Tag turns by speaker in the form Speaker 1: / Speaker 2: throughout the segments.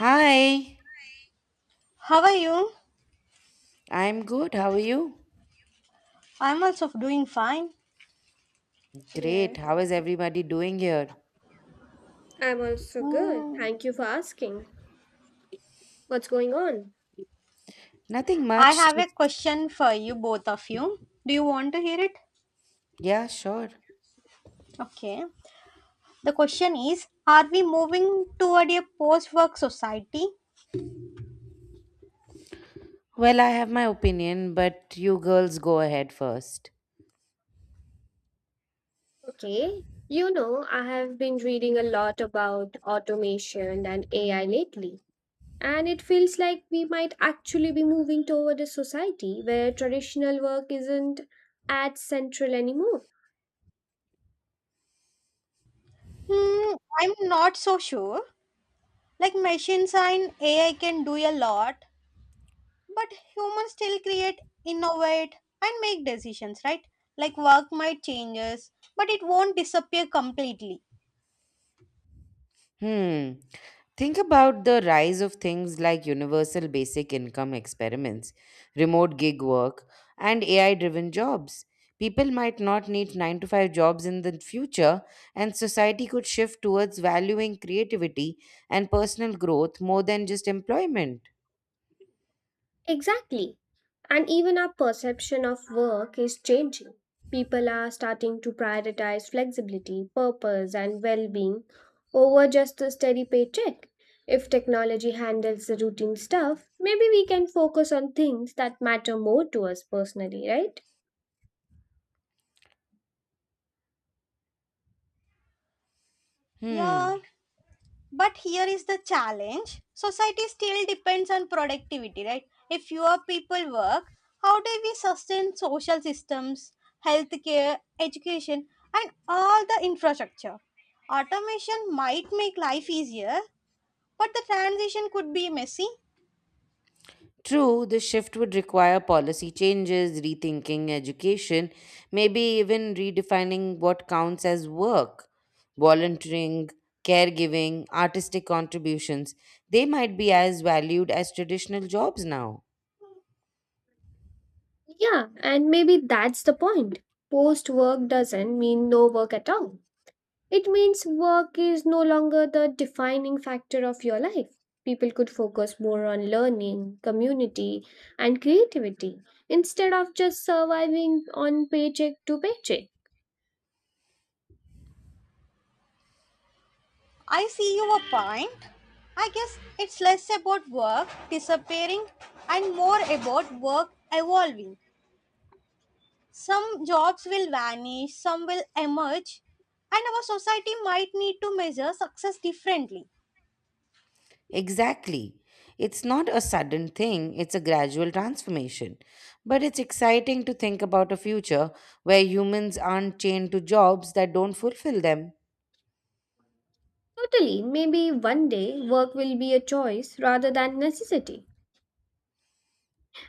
Speaker 1: Hi,
Speaker 2: How are you?
Speaker 1: I'm good. How are you?
Speaker 2: I'm also doing fine.
Speaker 1: Great.
Speaker 3: Yes,
Speaker 1: How is everybody doing here?
Speaker 3: I'm also good.
Speaker 2: Hmm.
Speaker 3: Thank you for asking. What's going on?
Speaker 1: Nothing
Speaker 2: I
Speaker 1: much.
Speaker 2: have a
Speaker 1: Just,
Speaker 2: question for you, both of you. Do you want to hear it?
Speaker 1: yeah, sure.
Speaker 2: Okay. The question is, are we moving toward a post work society?
Speaker 1: Well, I have my opinion, but you girls go ahead first.
Speaker 3: Okay. You know, I have been reading a lot about automation and AI lately, and it feels like we might actually be moving toward a society where traditional work isn't as central anymore.
Speaker 2: Hmm, I'm not so sure. Like machines and AI can do a lot, but humans still create, innovate, and make decisions, right? Like work might changes, but it won't disappear completely.
Speaker 1: Hmm. Think about the rise of things like universal basic income experiments, remote gig work, and AI driven jobs. People might not need 9 to 5 jobs in the future, and society could shift towards valuing creativity and personal growth more than just employment.
Speaker 3: Exactly. And even our perception of work is changing. People are starting to prioritize flexibility, purpose, and well being over just a steady paycheck. If technology handles the routine stuff, maybe we can focus on things that matter more to us personally, right?
Speaker 2: Yeah,
Speaker 1: Hmm.
Speaker 2: but here is the challenge. Society still depends on productivity, right? If fewer people work, how do we sustain social systems, healthcare, education, and all the infrastructure? Automation might make life easier, but the transition could be messy.
Speaker 1: True, this shift would require policy changes, rethinking education, maybe even redefining what counts as work. Volunteering, caregiving, artistic contributions, they might be as valued as traditional jobs now.
Speaker 3: Yeah, and maybe that's the point. Post work doesn't mean no work at all. It means work is no longer the defining factor of your life. People could focus more on learning, community, and creativity instead of just surviving on paycheck to paycheck.
Speaker 2: I see your point. I guess it's less about work disappearing and more about work evolving. Some jobs will vanish, some will emerge, and our society might need to measure success differently.
Speaker 1: Exactly. It's not a sudden thing, it's a gradual transformation. But it's exciting to think about a future where humans aren't chained to jobs that don't fulfill them.
Speaker 3: Totally, maybe one day work will be a choice rather than necessity.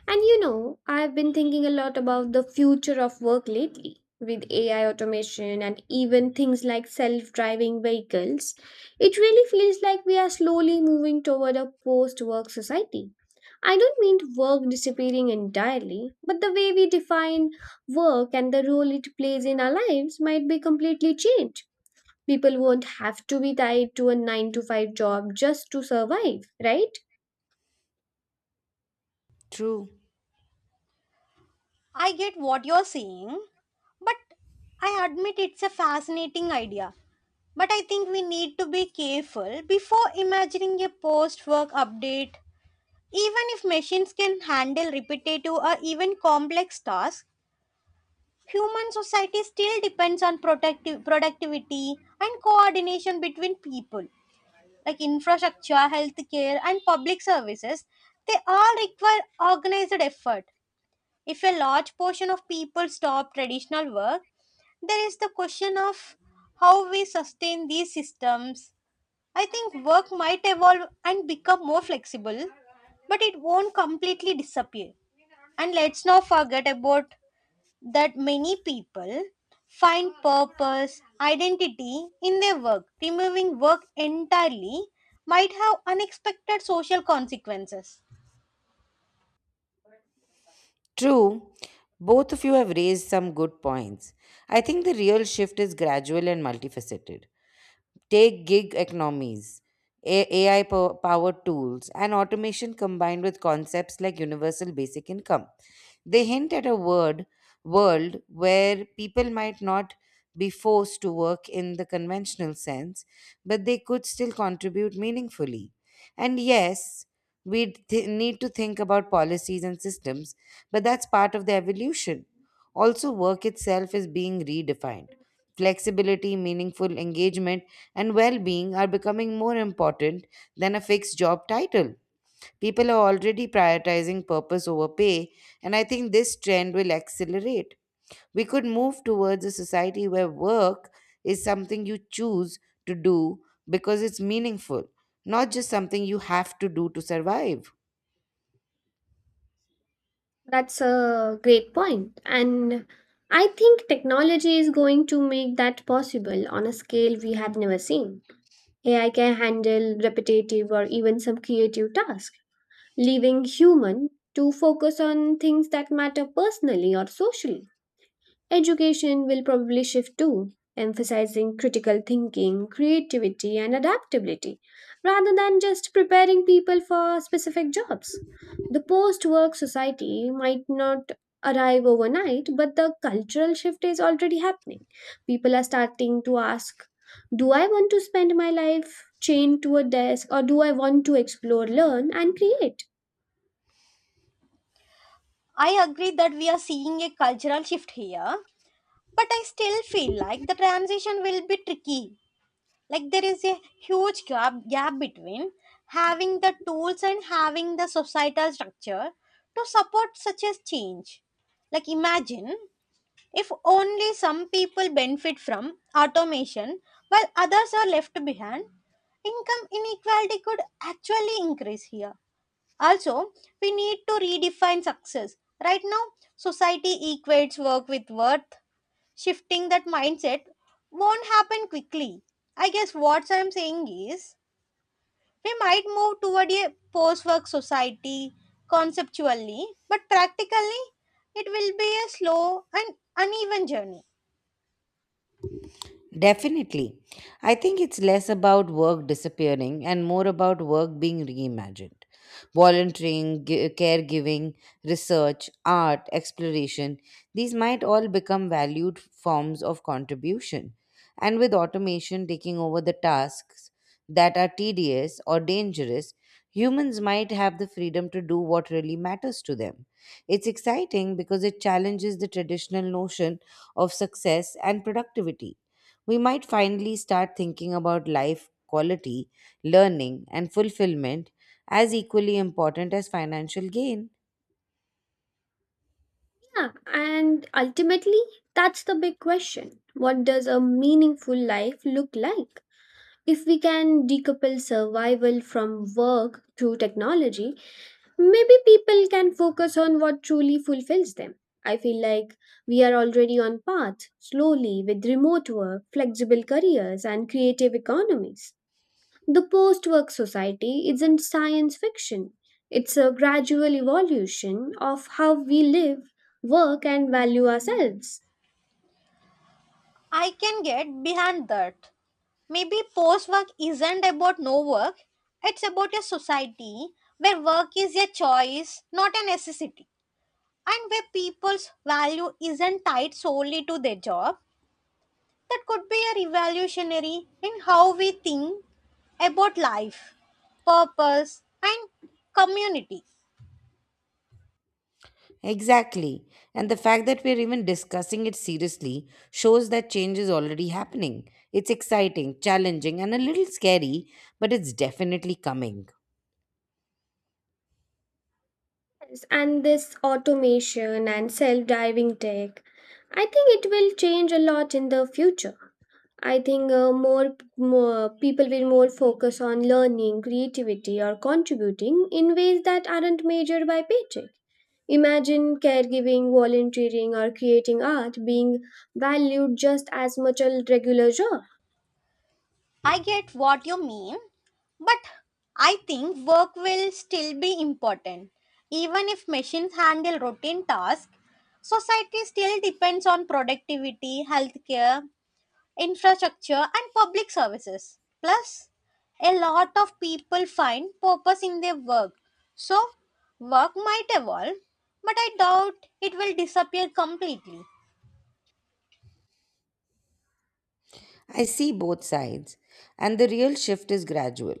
Speaker 3: And you know, I've been thinking a lot about the future of work lately. With AI automation and even things like self driving vehicles, it really feels like we are slowly moving toward a post work society. I don't mean work disappearing entirely, but the way we define work and the role it plays in our lives might be completely changed. People won't have to be tied to a 9 to 5 job just to survive, right?
Speaker 1: True.
Speaker 2: I get what you're saying, but I admit it's a fascinating idea. But I think we need to be careful before imagining a post work update. Even if machines can handle repetitive or even complex tasks, human society still depends on productive productivity and coordination between people, like infrastructure, healthcare, and public services. They all require organized effort. If a large portion of people stop traditional work, there is the question of how we sustain these systems. I think work might evolve and become more flexible, but it won't completely disappear. And let's not forget about that many people find purpose, identity in their work. Removing work entirely might have unexpected social consequences.
Speaker 1: True, both of you have raised some good points. I think the real shift is gradual and multifaceted. Take gig economies, AI powered tools, and automation combined with concepts like universal basic income. They hint at a word world where people might not be forced to work in the conventional sense, but they could still contribute meaningfully. And yes, we need to think about policies and systems, but that's part of the evolution. Also, work itself is being redefined. Flexibility, meaningful engagement, and well being are becoming more important than a fixed job title. People are already prioritizing purpose over pay, and I think this trend will accelerate. We could move towards a society where work is something you choose to do because it's meaningful, not just something you have to do to survive.
Speaker 3: That's a great point. And I think technology is going to make that possible on a scale we have never seen. AI can handle repetitive or even some creative tasks, leaving human to focus on things that matter personally or socially. Education will probably shift too, emphasizing critical thinking, creativity, and adaptability, rather than just preparing people for specific jobs. The post work society might not arrive overnight, but the cultural shift is already happening. People are starting to ask, do I want to spend my life chained to a desk, or do I want to explore, learn, and create?
Speaker 2: I agree that we are seeing a cultural shift here, but I still feel like the transition will be tricky. Like there is a huge gap between having the tools and having the societal structure to support such a change, like imagine if only some people benefit from automation while others are left behind, income inequality could actually increase here. Also, we need to redefine success. Right now, society equates work with worth. Shifting that mindset won't happen quickly. I guess what I'm saying is we might move toward a post work society conceptually, but practically, it will be a slow and uneven journey.
Speaker 1: Definitely. I think it's less about work disappearing and more about work being reimagined. Volunteering, caregiving, research, art, exploration, these might all become valued forms of contribution. And with automation taking over the tasks that are tedious or dangerous, humans might have the freedom to do what really matters to them. It's exciting because it challenges the traditional notion of success and productivity. We might finally start thinking about life quality, learning, and fulfillment as equally important as financial gain.
Speaker 3: Yeah, and ultimately, that's the big question. What does a meaningful life look like? If we can decouple survival from work through technology, maybe people can focus on what truly fulfills them. I feel like we are already on path, slowly with remote work, flexible careers, and creative economies. The post work society isn't science fiction, it's a gradual evolution of how we live, work, and value ourselves.
Speaker 2: I can get behind that. Maybe post work isn't about no work, it's about a society where work is a choice, not a necessity, and where people's value isn't tied solely to their job. That could be a revolutionary in how we think about life, purpose, and community.
Speaker 1: Exactly. And the fact that we're even discussing it seriously shows that change is already happening. It's exciting, challenging, and a little scary, but it's definitely coming.
Speaker 3: Yes, and this automation and self driving tech, I think it will change a lot in the future. I think more people will more focus on learning, creativity, or contributing in ways that aren't measured by paycheck. Imagine caregiving, volunteering, or creating art being valued just as much as regular job.
Speaker 2: I get what you mean, but I think work will still be important. Even if machines handle routine tasks, society still depends on productivity, healthcare, infrastructure, and public services. Plus, a lot of people find purpose in their work. So, work might evolve, but I doubt it will disappear completely.
Speaker 1: I see both sides, and the real shift is gradual.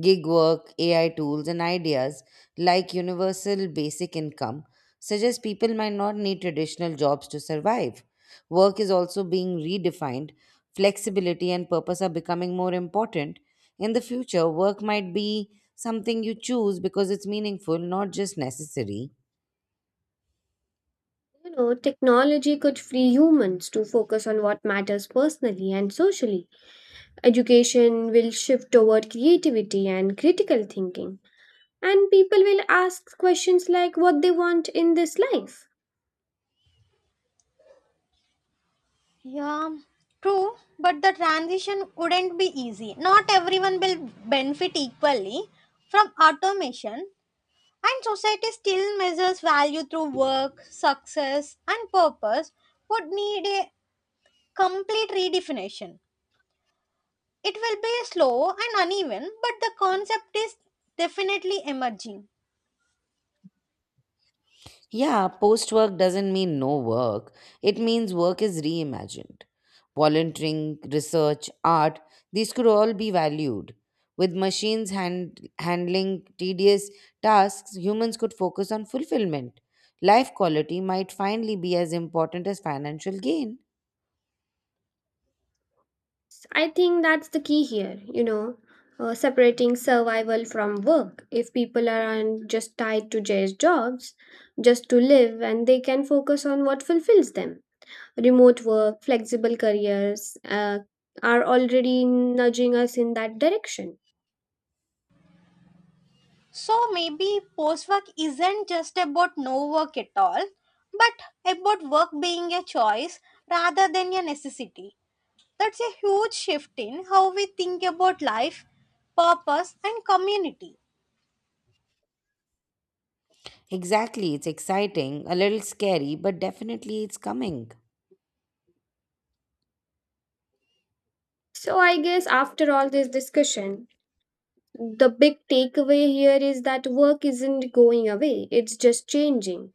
Speaker 1: Gig work, AI tools, and ideas like universal basic income suggest people might not need traditional jobs to survive. Work is also being redefined, flexibility and purpose are becoming more important. In the future, work might be something you choose because it's meaningful, not just necessary.
Speaker 3: You know, technology could free humans to focus on what matters personally and socially. Education will shift toward creativity and critical thinking, and people will ask questions like what they want in this life.
Speaker 2: Yeah, true, but the transition wouldn't be easy. Not everyone will benefit equally from automation, and society still measures value through work, success, and purpose would need a complete redefinition. It will be slow and uneven, but the concept is definitely emerging.
Speaker 1: Yeah, post work doesn't mean no work. It means work is reimagined. Volunteering, research, art, these could all be valued. With machines handling tedious tasks, humans could focus on fulfillment. Life quality might finally be as important as financial gain.
Speaker 3: I think that's the key here, you know, separating survival from work. If people aren't just tied to just jobs, just to live, and they can focus on what fulfills them. Remote work, flexible careers are already nudging us in that direction.
Speaker 2: So maybe post work isn't just about no work at all, but about work being a choice rather than a necessity. That's a huge shift in how we think about life, purpose, and community.
Speaker 1: Exactly, it's exciting, a little scary, but definitely it's coming.
Speaker 3: So, I guess after all this discussion, the big takeaway here is that work isn't going away, it's just changing.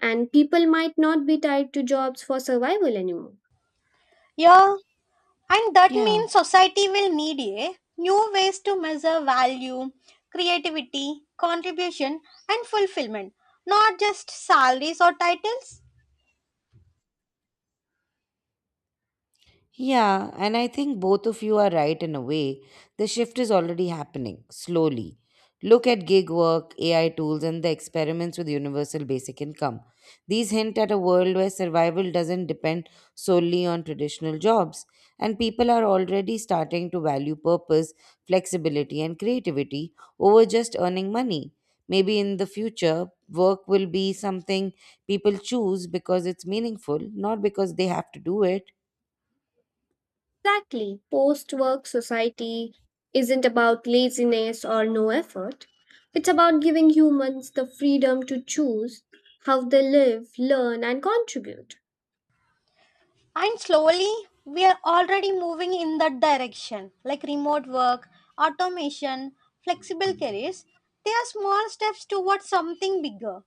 Speaker 3: And people might not be tied to jobs for survival anymore.
Speaker 2: Yeah, and that
Speaker 1: Yeah.
Speaker 2: means society will need a new ways to measure value, creativity, contribution, and fulfillment, not just salaries or titles.
Speaker 1: Yeah, and I think both of you are right in a way. The shift is already happening, slowly. Look at gig work, AI tools, and the experiments with universal basic income. These hint at a world where survival doesn't depend solely on traditional jobs, and people are already starting to value purpose, flexibility, and creativity over just earning money. Maybe in the future, work will be something people choose because it's meaningful, not because they have to do it.
Speaker 3: Exactly. Post work society isn't about laziness or no effort. It's about giving humans the freedom to choose how they live, learn, and contribute.
Speaker 2: And slowly, we are already moving in that direction, like remote work, automation, flexible careers. They are small steps towards something bigger.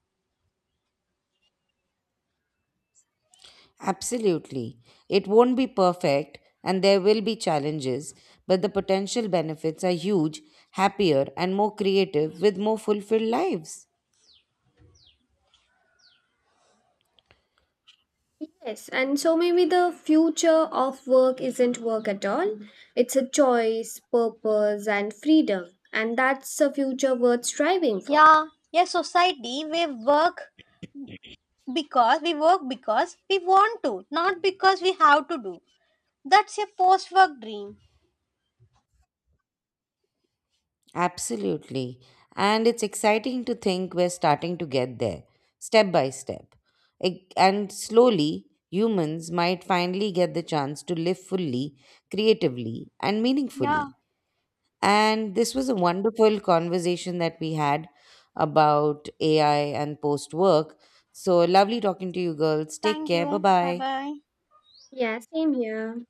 Speaker 1: Absolutely. It won't be perfect and there will be challenges, but the potential benefits are huge, happier, and more creative with more fulfilled lives.
Speaker 3: Yes, and so maybe the future of work isn't work at all. It's a choice, purpose, and freedom. And that's a future worth striving for.
Speaker 2: Yeah, a society where work, because we work because we want to, not because we have to do. That's a post work dream.
Speaker 1: Absolutely. And it's exciting to think we're starting to get there, step by step. And slowly, humans might finally get the chance to live fully, creatively, and
Speaker 2: Yeah.
Speaker 1: meaningfully. And this was a wonderful conversation that we had about AI and post work. So lovely talking to you girls. Take
Speaker 2: Thank
Speaker 1: care. Bye
Speaker 2: you. Bye
Speaker 1: bye.
Speaker 2: bye.
Speaker 3: Yeah, same here.